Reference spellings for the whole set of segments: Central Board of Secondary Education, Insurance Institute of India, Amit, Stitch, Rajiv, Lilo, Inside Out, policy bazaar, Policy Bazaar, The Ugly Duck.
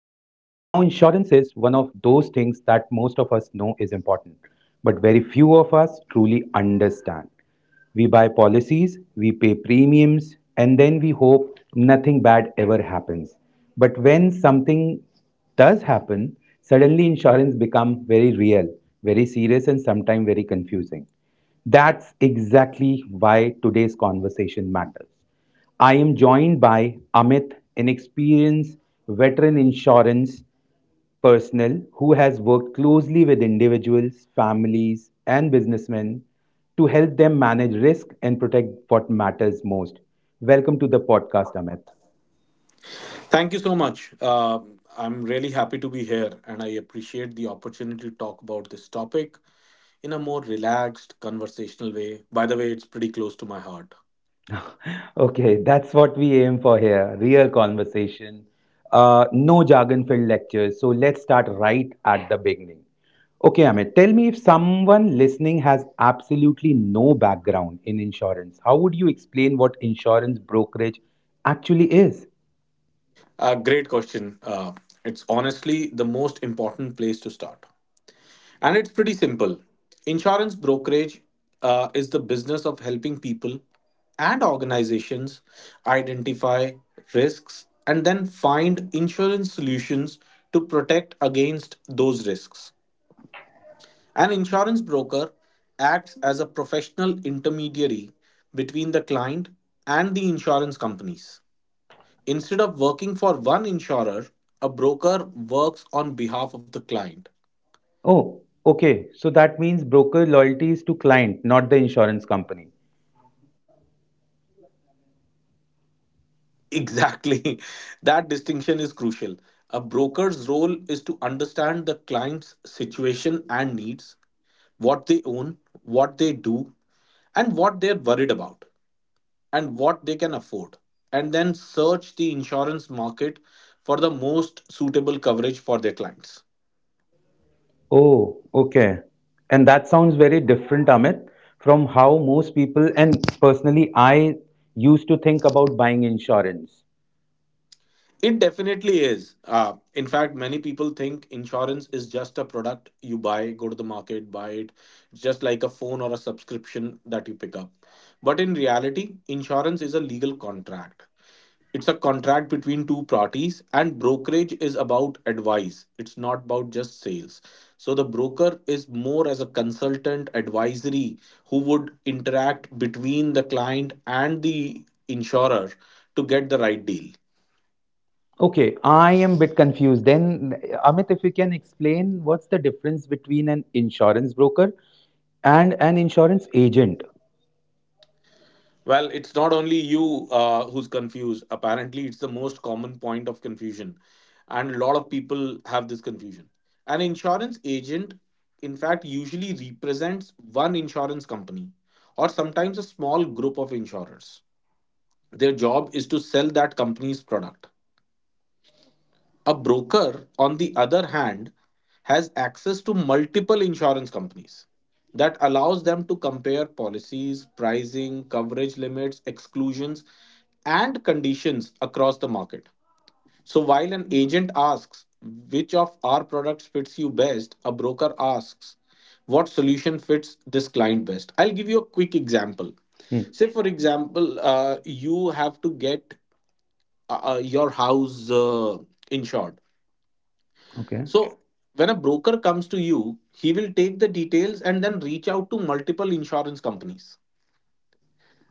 insurance is one of those things that most of us know is important, but very few of us truly understand. We buy policies, we pay premiums, and then we hope nothing bad ever happens. But when something does happen, suddenly insurance becomes very real, very serious, and sometimes very confusing. That's exactly why today's conversation matters. I am joined by Amit, an experienced veteran insurance personnel who has worked closely with individuals, families, and businessmen to help them manage risk and protect what matters most. Welcome to the podcast, Amit. Thank you so much. I'm really happy to be here and I appreciate the opportunity to talk about this topic in a more relaxed, conversational way. By the way, it's pretty close to my heart. Okay, that's what we aim for here, real conversation, no jargon filled lectures. So let's start right at the beginning. Okay, Amit, tell me, if someone listening has absolutely no background in insurance, how would you explain what insurance brokerage actually is? Great question. It's honestly the most important place to start. And it's pretty simple. Insurance brokerage is the business of helping people and organizations identify risks and then find insurance solutions to protect against those risks. An insurance broker acts as a professional intermediary between the client and the insurance companies. Instead of working for one insurer, a broker works on behalf of the client. Oh, okay. So that means broker loyalty is to client, not the insurance company. Exactly. That distinction is crucial. A broker's role is to understand the client's situation and needs, what they own, what they do, and what they're worried about, and what they can afford, and then search the insurance market for the most suitable coverage for their clients. Oh, okay. And that sounds very different, Amit, from how most people, and personally, I used to think about buying insurance. It definitely is. In fact, many people think insurance is just a product you buy, go to the market, buy it. It's just like a phone or a subscription that you pick up. But in reality, insurance is a legal contract. It's a contract between two parties, and brokerage is about advice. It's not about just sales. So the broker is more as a consultant advisory who would interact between the client and the insurer to get the right deal. Okay, I am a bit confused. Then, Amit, if you can explain, what's the difference between an insurance broker and an insurance agent? Well, it's not only you who's confused. Apparently, it's the most common point of confusion. And a lot of people have this confusion. An insurance agent, in fact, usually represents one insurance company or sometimes a small group of insurers. Their job is to sell that company's product. A broker, on the other hand, has access to multiple insurance companies that allows them to compare policies, pricing, coverage limits, exclusions, and conditions across the market. So while an agent asks which of our products fits you best, a broker asks what solution fits this client best. I'll give you a quick example. Hmm, Say, for example, you have to get your house insured. okay. So when a broker comes to you, he will take the details and then reach out to multiple insurance companies,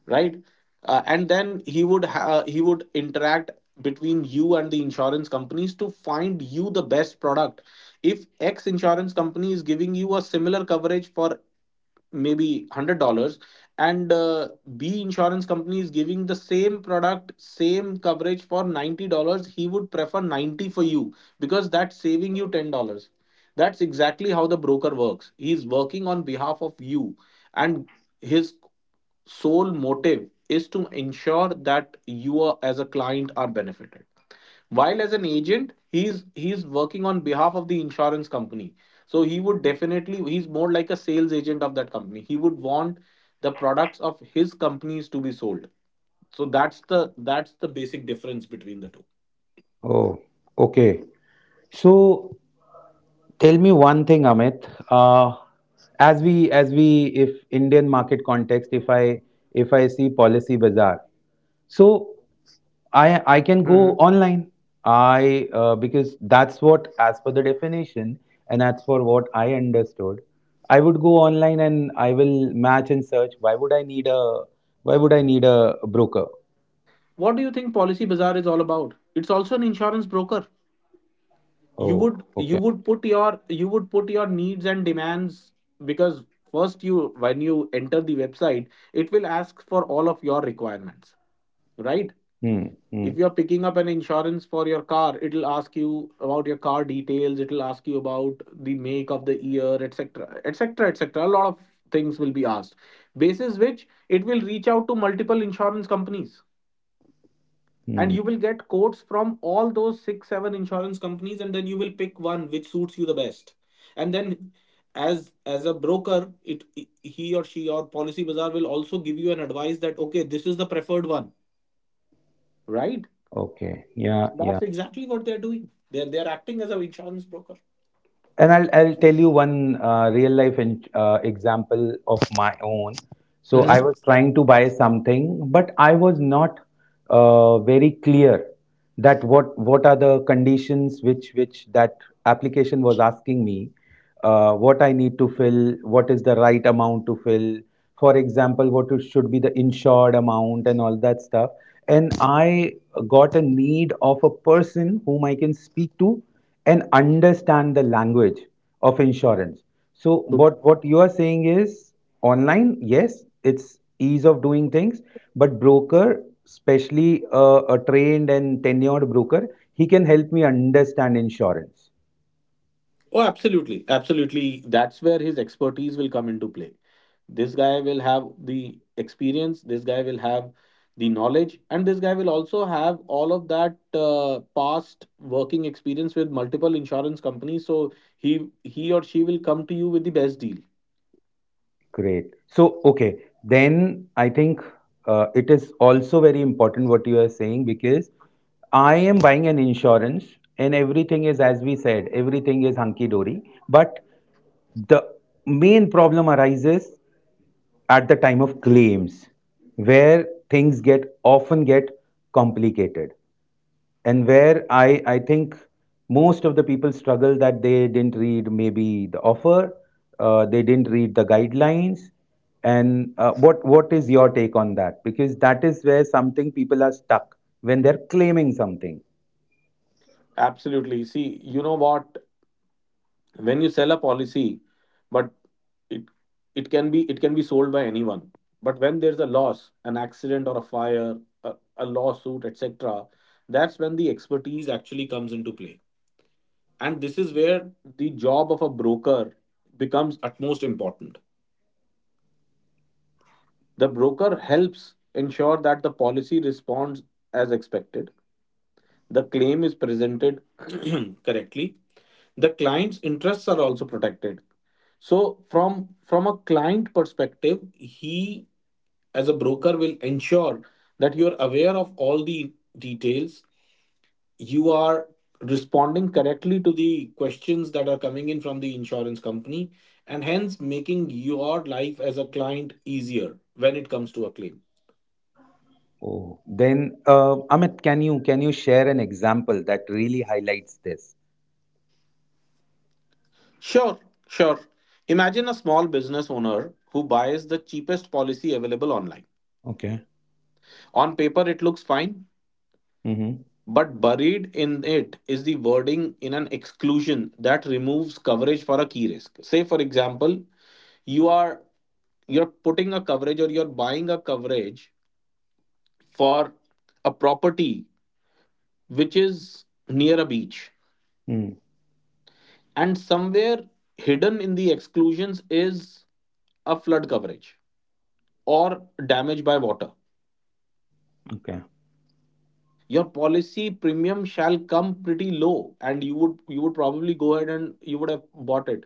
right? And then he would interact between you and the insurance companies to find you the best product. If X insurance company is giving you a similar coverage for maybe $100, and B insurance company is giving the same product, same coverage for $90, he would prefer 90 for you because that's saving you $10. That's exactly how the broker works. He's working on behalf of you, and his sole motive is to ensure that you, are, as a client, are benefited. While as an agent, he's working on behalf of the insurance company. So he would definitely, he's more like a sales agent of that company. He would want the products of his companies to be sold. So that's the basic difference between the two. Oh, okay. So tell me one thing, Amit. As we if Indian market context, if I see Policy Bazaar, so I Mhm. can go online. I Because that's what as per the definition and as for what I understood, I would go online and I will match and search. Why would I need a broker? What do you think Policy Bazaar is all about? It's also an insurance broker. you Oh, would you okay. would put your, you would put your needs and demands, because first, you when you enter the website, it will ask for all of your requirements, right? Hmm. Hmm. If you're picking up an insurance for your car, it'll ask you about your car details, it'll ask you about the make of the year, etc., etc., etc. A lot of things will be asked, basis which it will reach out to multiple insurance companies, and Hmm. you will get quotes from all those 6 7 insurance companies, and then you will pick one which suits you the best. And then as a broker, it he or she or Policy Bazaar will also give you an advice that, okay, this is the preferred one, right? Okay. Yeah. That's Yeah. exactly what they're doing. They're acting as an insurance broker. And I'll tell you one real life example of my own. So I Hmm. was trying to buy something, but I was not very clear that what are the conditions which that application was asking me, what I need to fill, what is the right amount to fill, for example, what should be the insured amount and all that stuff. And I got a need of a person whom I can speak to and understand the language of insurance. So what you are saying is, online, yes, it's ease of doing things, but broker, especially a trained and tenured broker, he can help me understand insurance. Oh, absolutely, absolutely. That's where his expertise will come into play. This guy will have the experience, this guy will have the knowledge, and this guy will also have all of that past working experience with multiple insurance companies. So he or she will come to you with the best deal. Great. So, okay, then I think it is also very important what you are saying, because I am buying an insurance and everything is, as we said, everything is hunky dory. But the main problem arises at the time of claims, where things get often get complicated and where I think most of the people struggle, that they didn't read maybe the offer, they didn't read the guidelines. And what is your take on that? Because that is where something people are stuck when they're claiming something. Absolutely. See, you know what, when you sell a policy, but it it can be, it can be sold by anyone. But when there's a loss, an accident, or a fire, a lawsuit, etc., that's when the expertise actually comes into play. And this is where the job of a broker becomes utmost important. The broker helps ensure that the policy responds as expected, the claim is presented, correctly. The client's interests are also protected. So from a client perspective, he as a broker will ensure that you are aware of all the details, you are responding correctly to the questions that are coming in from the insurance company, and hence making your life as a client easier when it comes to a claim. Oh. Then Amit, can you share an example that really highlights this? Sure, sure. Imagine a small business owner who buys the cheapest policy available online. Okay. On paper, it looks fine, Mm-hmm. but buried in it is the wording in an exclusion that removes coverage for a key risk. Say, for example, you are you're putting a coverage, or you're buying a coverage for a property which is near a beach, Mm. and somewhere hidden in the exclusions is a flood coverage or damage by water. Okay. Your policy premium shall come pretty low, and you would probably go ahead and you would have bought it.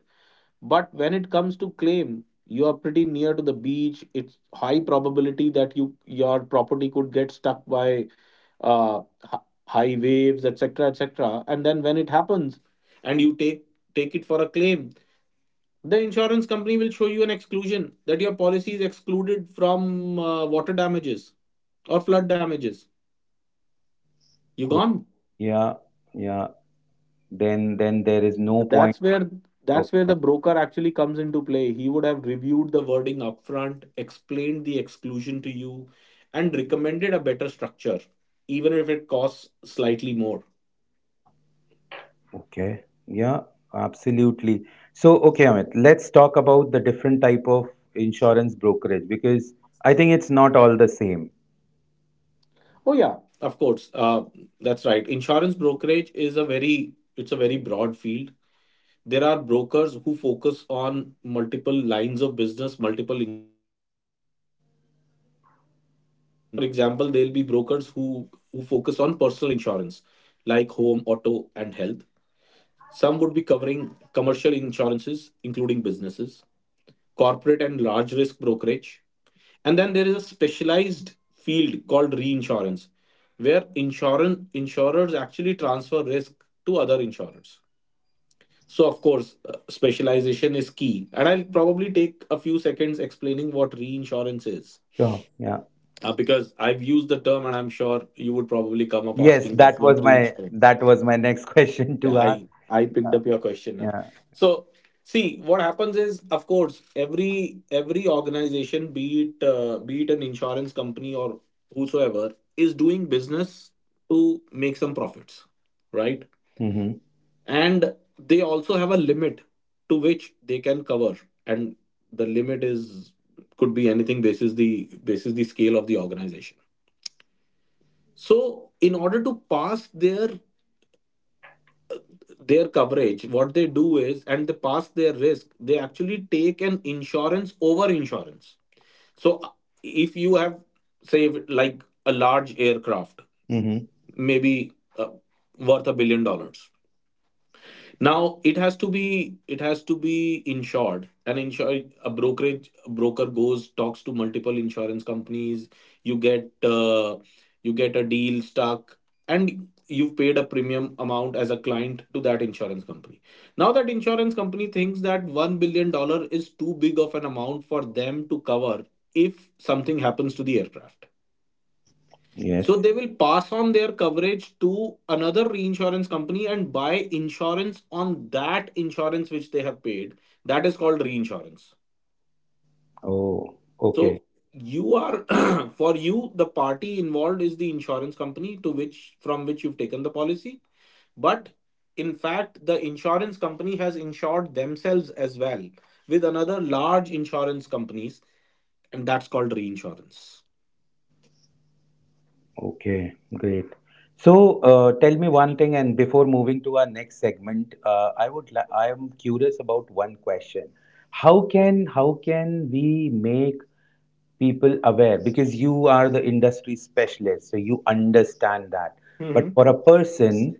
But when it comes to claim, you are pretty near to the beach. It's high probability that your property could get stuck by uh, hi- high waves, etc., etc. And then when it happens, and you take it for a claim, the insurance company will show you an exclusion that your policy is excluded from water damages or flood damages. You Oh, gone. yeah, yeah. Then there is no point. That's where Okay. the broker actually comes into play. He would have reviewed the wording upfront, explained the exclusion to you, and recommended a better structure, even if it costs slightly more. Okay. Yeah, absolutely. So, okay, Amit, let's talk about the different type of insurance brokerage, because I think it's not all the same. Oh yeah, of course. That's right. Insurance brokerage is a very it's a very broad field. There are brokers who focus on multiple lines of business, multiple policies. Say, for example, there'll be brokers who focus on personal insurance like home, auto, and health. Some would be covering commercial insurances, including businesses, corporate, and large risk brokerage. And then there is a specialized field called reinsurance, where insurance insurers actually transfer risk to other insurers. So, of course, specialization is key. And I'll probably take a few seconds explaining what reinsurance is, Sure. Yeah. Because I've used the term, and I'm sure you would probably come up Yes, asking that what reinsurance. that was my next question Yeah, to ask. I picked up your question now. Yeah. So, see what happens is, of course, every organization, be it an insurance company or whosoever, is doing business to make some profits, right? Mm-hmm. And they also have a limit to which they can cover. And the limit is, could be anything basis the, basis the scale of the organization. So in order to pass their, coverage, what they do is, and they pass their risk, they actually take an insurance over insurance. So if you have, say like, a large aircraft, Mm-hmm. maybe uh, worth $1 billion. Now it has to be, it has to be insured, and insure a brokerage, a broker goes, talks to multiple insurance companies. You get you get a deal stuck, and you've paid a premium amount as a client to that insurance company. Now that insurance company thinks that 1 billion dollar is too big of an amount for them to cover if something happens to the aircraft. So Yes. they will pass on their coverage to another reinsurance company and buy insurance on that insurance which they have paid. That is called reinsurance. Oh, okay. So you are, for you the party involved is the insurance company to which, from which you've taken the policy, but in fact the insurance company has insured themselves as well with another large insurance companies, and that's called reinsurance. Okay. Great. So, tell me one thing, and before moving to our next segment, I would I am curious about one question. How can we make people aware, because you are the industry specialist, so you understand that. But Mhm. for a person,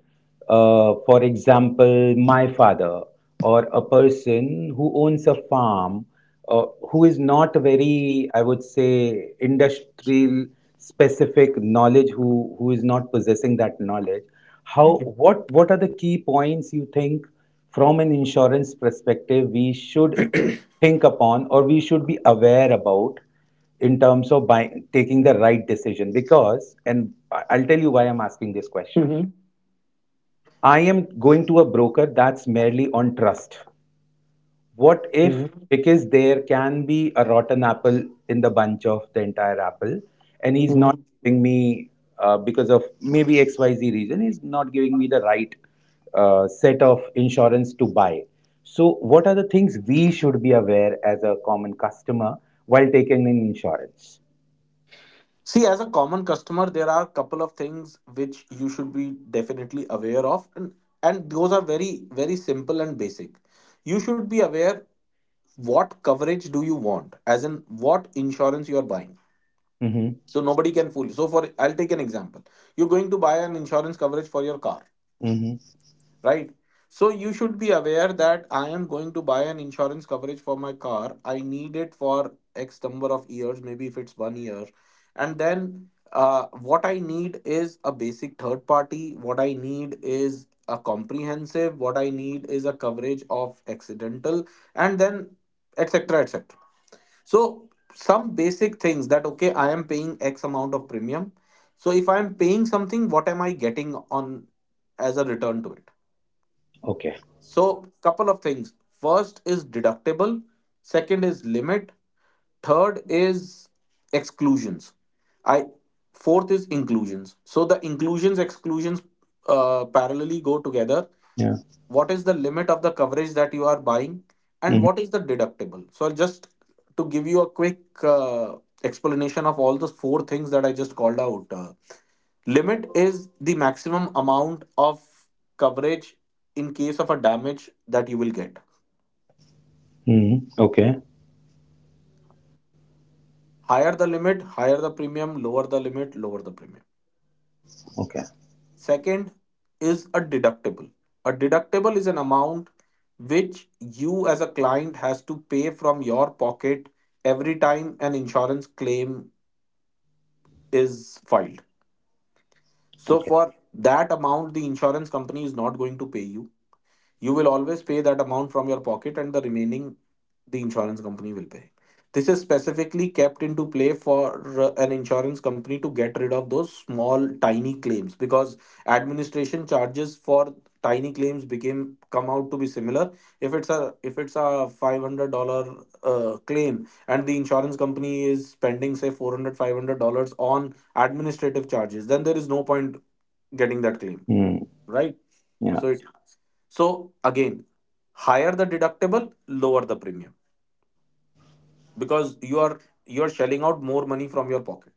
for example, my father, or a person who owns a farm, uh, who is not very, I would say, industrial specific knowledge, who is not possessing that knowledge, how what are the key points you think from an insurance perspective we should think upon or we should be aware about in terms of buying, taking the right decision? Because, and I'll tell you why I'm asking this question. Mhm. I am going to a broker, that's merely on trust. What if, because there can be a rotten apple in the bunch of the entire apple, and he's not Mhm. giving me, because of maybe xyz reason, he's not giving me the right set of insurance to buy. So what are the things we should be aware as a common customer while taking an insurance? See, as a common customer, there are a couple of things which you should be definitely aware of, and, those are very, very simple and basic. You should be aware what coverage do you want, as in what insurance you are buying. Mm-hmm. So nobody can fool you. So for, I'll take an example. You're going to buy an insurance coverage for your car, Mm-hmm. right? So you should be aware that I am going to buy an insurance coverage for my car. I need it for X number of years, maybe if it's 1 year. And then what I need is a basic third party. What I need is a comprehensive. What I need is a coverage of accidental, and then etc. etc. So some basic things that, okay, I am paying X amount of premium. So if I am paying something, what am I getting on as a return to it? Okay. So, couple of things. First is deductible, second is limit, third is exclusions. I Fourth is inclusions. So the inclusions exclusions parallelly go together. Yeah. What is the limit of the coverage that you are buying and Mm-hmm. what is the deductible? So just to give you a quick explanation of all the four things that I just called out. Limit is the maximum amount of coverage in case of a damage that you will get. Mm-hmm. Okay. Higher the limit, higher the premium, lower the limit, lower the premium. Okay. Second is a deductible. A deductible is an amount which you as a client has to pay from your pocket every time an insurance claim is filed. So Okay. for that amount the insurance company is not going to pay you. Will always pay that amount from your pocket, and the remaining the insurance company will pay. This is specifically kept into play for an insurance company to get rid of those small tiny claims, because administration charges for tiny claims became come out to be similar. If it's a $500 claim, and the insurance company is spending say 400 $500 $500 on administrative charges, then there is no point getting that claim, Mm. right? Yeah. So it so again, higher the deductible, lower the premium, because you are shelling out more money from your pocket.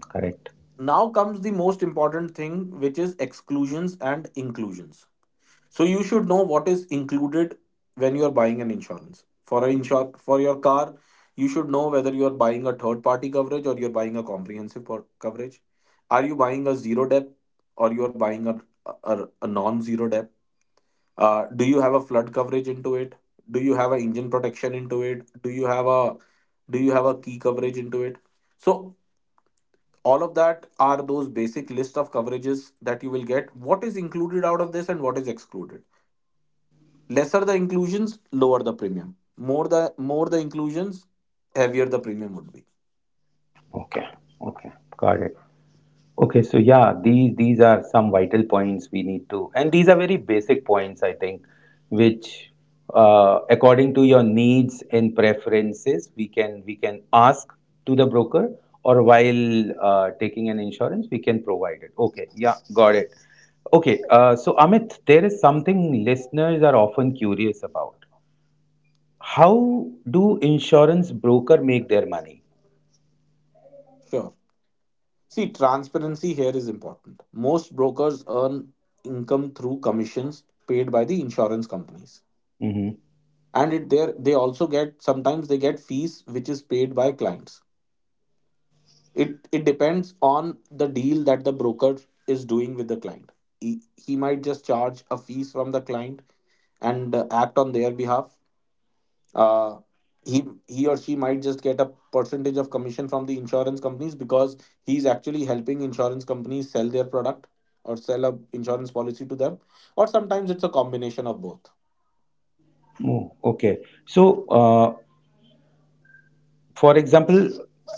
Correct. Now comes the most important thing, which is exclusions and inclusions. So you should know what is included when you are buying an insurance. For your car, you should know whether you are buying a third party coverage or you are buying a coverage. Are you buying a zero debt or you are buying a non zero debt? Do you have a flood coverage into it? Do you have an engine protection into it? Do you have a key coverage into it? So all of that are those basic list of coverages that you will get. What is included out of this, and what is excluded? Lesser the inclusions, lower the premium. more the More the inclusions, heavier the premium would be. Okay. Okay. Got it. Okay, so yeah, these are some vital points we need to, and these are very basic points, I think, which, according to your needs and preferences, we can ask to the broker, or while taking an insurance, we can provide it. Okay, yeah, got it. Okay, so Amit, there is something listeners are often curious about. How do insurance broker make their money? Sure. See, transparency here is important. Most brokers earn income through commissions paid by the insurance companies, Mm-hmm. and it there they also get, sometimes they get fees which is paid by clients. It depends on the deal that the broker is doing with the client. He might just charge a fees from the client and act on their behalf. uh, he or she might just get a percentage of commission from the insurance companies, because he's actually helping insurance companies sell their product or sell a insurance policy to them, or sometimes it's a combination of both. Oh, okay. So, for example,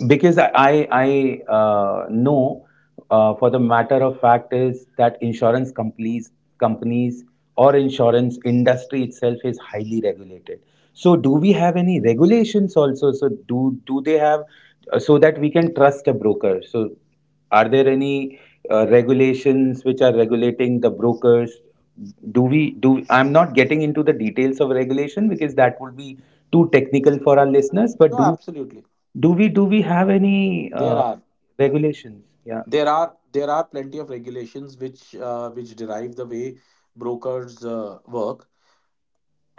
because I know, for the matter of fact is that insurance companies or insurance industry itself is highly regulated. So do we have any regulations also? So do do they have, so that we can trust a broker? So are there any regulations which are regulating the brokers? Do we do? I'm not getting into the details of regulation, because that would be too technical for our listeners. But No, do, absolutely. do we have any there are regulations? Yeah. There are plenty of regulations which derive the way brokers work,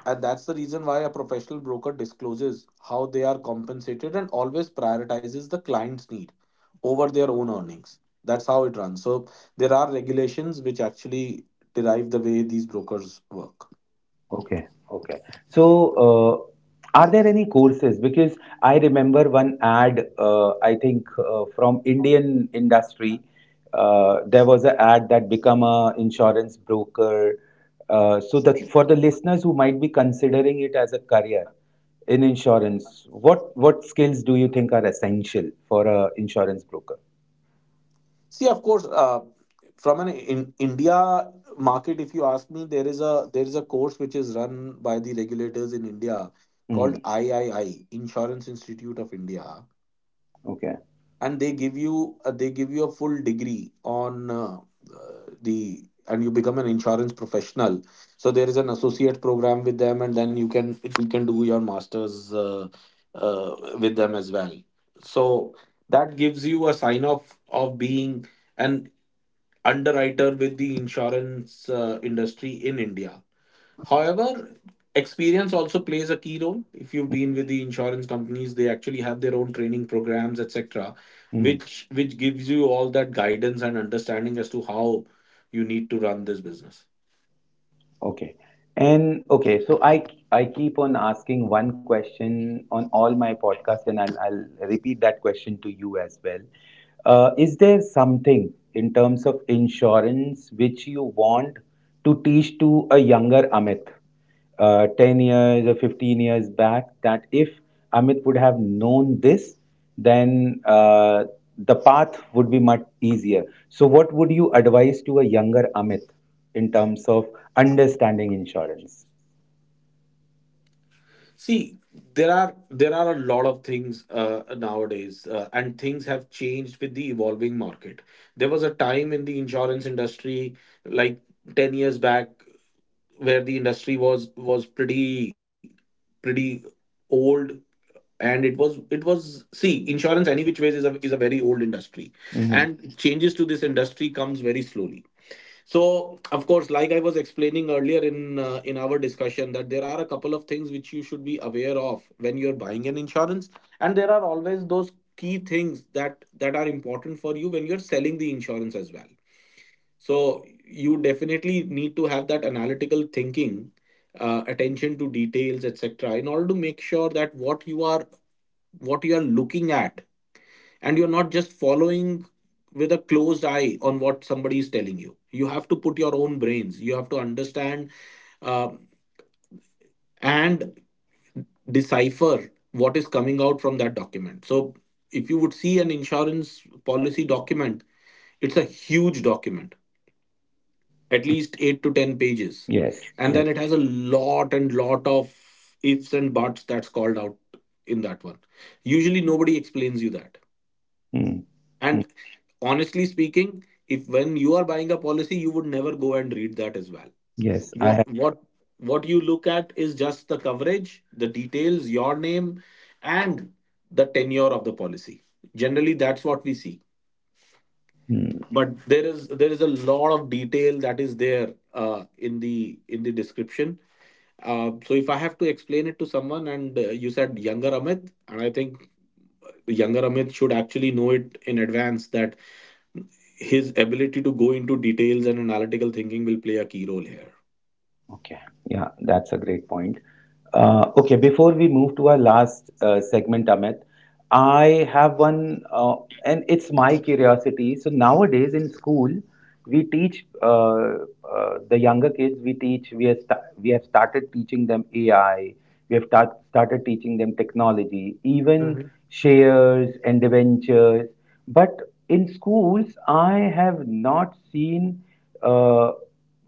and that's the reason why a professional broker discloses how they are compensated and always prioritizes the client's need over their own earnings. That's how it runs. So there are regulations which actually derive the way these brokers work. Okay. Okay. So, are there any courses? Because I remember one ad. I think from Indian industry, there was an ad that become a insurance broker. So that for the listeners who might be considering it as a career in insurance, what skills do you think are essential for a insurance broker? See, of course, from an in India market, if you ask me, there is a course which is run by the regulators in India, Hmm. called I Insurance Institute of India, Okay. and they give you a full degree on the and you become an insurance professional. So there is an associate program with them, and then you can do your masters with them as well. So that gives you a sign off of being and underwriter with the insurance industry in India. However, experience also plays a key role. If you've been with the insurance companies, they actually have their own training programs, etc., Hmm. which gives you all that guidance and understanding as to how you need to run this business. Okay. And okay, so I keep on asking one question on all my podcasts, and I'll repeat that question to you as well. Is there something in terms of insurance which you want to teach to a younger Amit, 10 years or 15 years back, that if Amit would have known this, then the path would be much easier? So, what would you advise to a younger Amit in terms of understanding insurance? See, there are a lot of things nowadays, and things have changed with the evolving market. There was a time in the insurance industry, like 10 years back, where the industry was pretty pretty old, and it was see, insurance any which ways is a very old industry, Mhm. and changes to this industry comes very slowly. So of course, like I was explaining earlier in our discussion, that there are a couple of things which you should be aware of when you're buying an insurance, and there are always those key things that are important for you when you're selling the insurance as well. So you definitely need to have that analytical thinking, attention to details, etc., in order to make sure that what you are looking at, and you're not just following with a closed eye on what somebody is telling you. You have to put your own brains. You have to understand uh, and decipher what is coming out from that document. So if you would see an insurance policy document, it's a huge document, at least 8 to 10 pages, Yes, and yes. then it has a lot and lot of ifs and buts that's called out in that one. Usually, nobody explains you that. Mm. Mm. And honestly speaking, if when you are buying a policy, you would never go and read that as well. Yes, I What have. what what you look at is just the coverage, the details, your name, and the tenure of the policy. Generally, that's what we see, Mm. but there is a lot of detail that is there in the description. So if I have to explain it to someone, and you said younger Amit, and I think younger Amit should actually know it in advance, that his ability to go into details and analytical thinking will play a key role here. Okay. Yeah, that's a great point. Okay, before we move to our last segment, Amit, I have one, and it's my curiosity. So nowadays in school, we teach, the younger kids. We teach. We have we have started teaching them AI. We have started teaching them technology, even Mhm. shares and ventures. But in schools, I have not seen. Uh,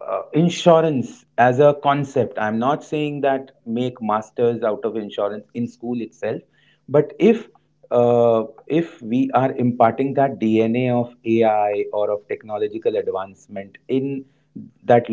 Insurance as a concept, I'm not saying that make masters out of insurance in school itself, but if, if we are imparting that DNA of AI or of technological advancement in that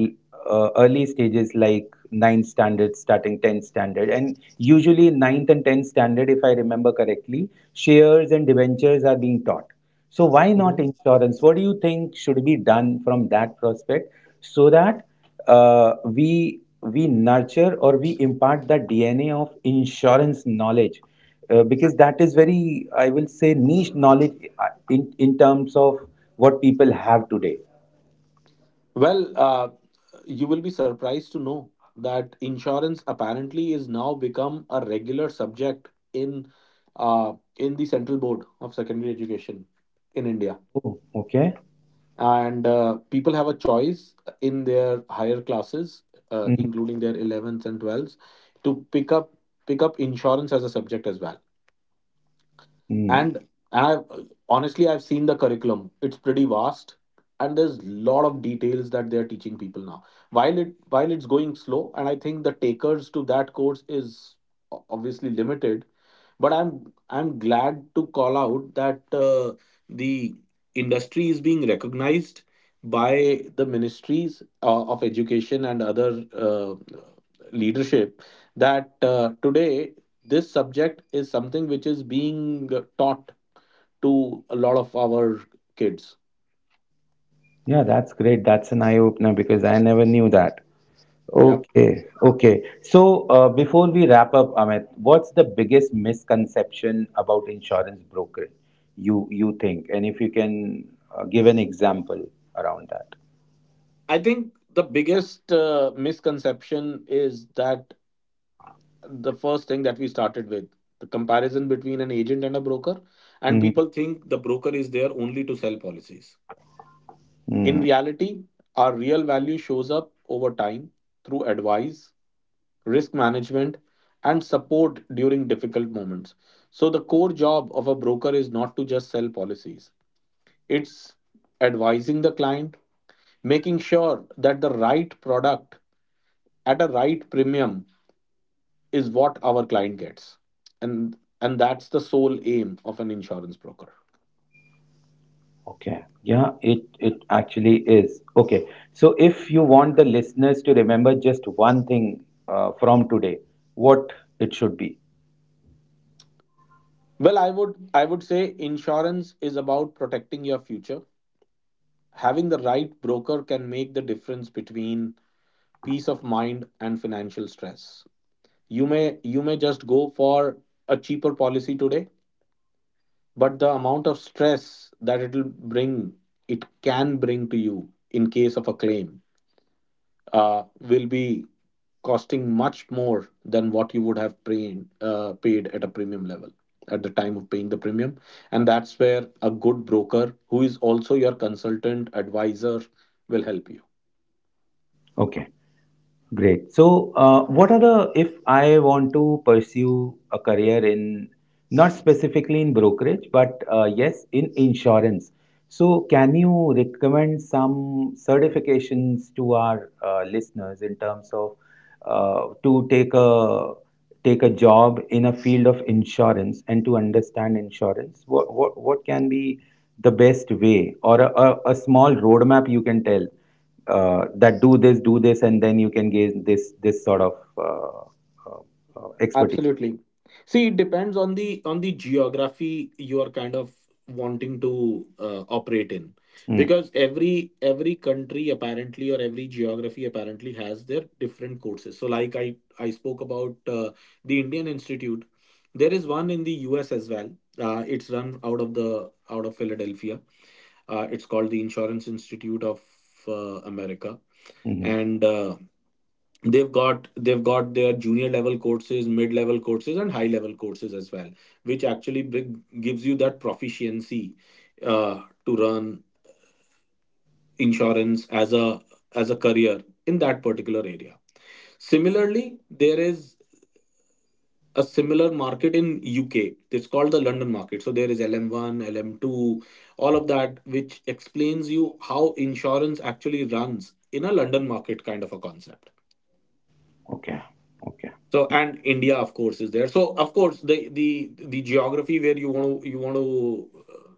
early stages, like 9th standard, starting 10th standard, and usually ninth and 10th standard if I remember correctly, shares and debentures are being taught, so why not Mhm. insurance? What do you think should be done from that prospect, so that we nurture or we impart the DNA of insurance knowledge? Because that is very, I will say, niche knowledge in terms of what people have today. Well, you will be surprised to know that insurance apparently is now become a regular subject in in the Central Board of Secondary Education in India, Oh, okay. and people have a choice in their higher classes, Mhm. including their 11th and 12th, to pick up insurance as a subject as well. Mm. And I honestly, I've seen the curriculum. It's pretty vast, and there's lot of details that they're teaching people now. While it's going slow, and I think the takers to that course is obviously limited, but I'm glad to call out that the industry is being recognized by the ministries of education and other. Leadership, that today this subject is something which is being taught to a lot of our kids. Yeah, that's great. That's an eye opener, because I never knew that. Yep. Okay, okay. So, before we wrap up, Amit, what's the biggest misconception about insurance broker you you think? And if you can give an example around that. I think the biggest misconception is that the first thing that we started with, the comparison between an agent and a broker, and people think the broker is there only to sell policies. In Mm-hmm. reality, our real value shows up over time through advice, risk management, and support during difficult moments. So, the core job of a broker is not to just sell policies, it's advising the client, making sure that the right product at a right premium is what our client gets. And that's the sole aim of an insurance broker. Okay. Yeah, it actually is. Okay. So if you want the listeners to remember just one thing from today, what it should be. Well, I would say insurance is about protecting your future. Having the right broker can make the difference between peace of mind and financial stress. You may just go for a cheaper policy today, but the amount of stress that it will bring, it can bring to you in case of a claim, will be costing much more than what you would have paid at a premium level at the time of paying the premium, and that's where a good broker who is also your consultant advisor will help you. Okay. Great. So, what are the, if I want to pursue a career in, not specifically in brokerage, but yes, in insurance. So, can you recommend some certifications to our listeners in terms of to take a job in a field of insurance, and to understand insurance? What can be the best way or a small roadmap you can tell, that do this, and then you can gain this this sort of uh, uh, expertise. Absolutely. See, it depends on the geography you are kind of wanting to operate in, because every country apparently, or every geography apparently, has their different courses. So, like I spoke about the Indian Institute, there is one in the U.S. as well. It's run out of Philadelphia. It's called the Insurance Institute of America, Mm-hmm. and they've got their junior level courses, mid level courses, and high level courses as well, which actually gives you that proficiency to run insurance as a career in that particular area. Similarly, there is a similar market in UK. It's called the London market. So there is LM1 LM2, all of that, which explains you how insurance actually runs in a London market kind of a concept. Okay, okay, So and India, of course, is there. So of course, the geography where you want to uh,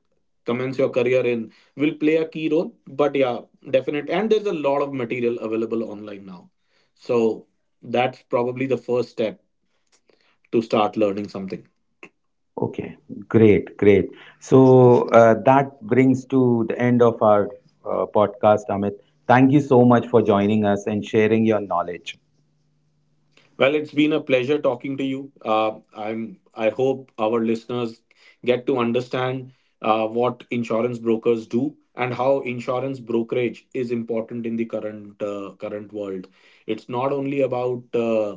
commence your career in will play a key role. But yeah, definite. And there's a lot of material available online now. So that's probably the first step to start learning something. okay. Great, great. So that brings to the end of our podcast, Amit. Thank you so much for joining us and sharing your knowledge. Well, it's been a pleasure talking to you. I hope our listeners get to understand what insurance brokers do, and how insurance brokerage is important in the current current world. It's not only about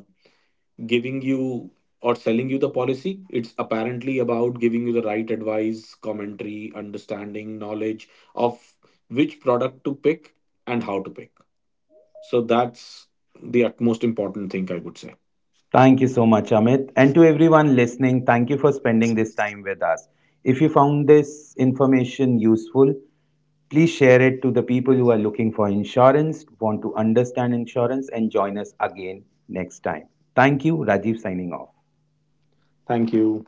giving you or selling you the policy. It's apparently about giving you the right advice, commentary, understanding, knowledge of which product to pick and how to pick. So that's the utmost important thing I would say. Thank you so much, Amit. And to everyone listening, thank you for spending this time with us. If you found this information useful, please share it to the people who are looking for insurance, want to understand insurance, and join us again next time. Thank you. Rajiv signing off. Thank you.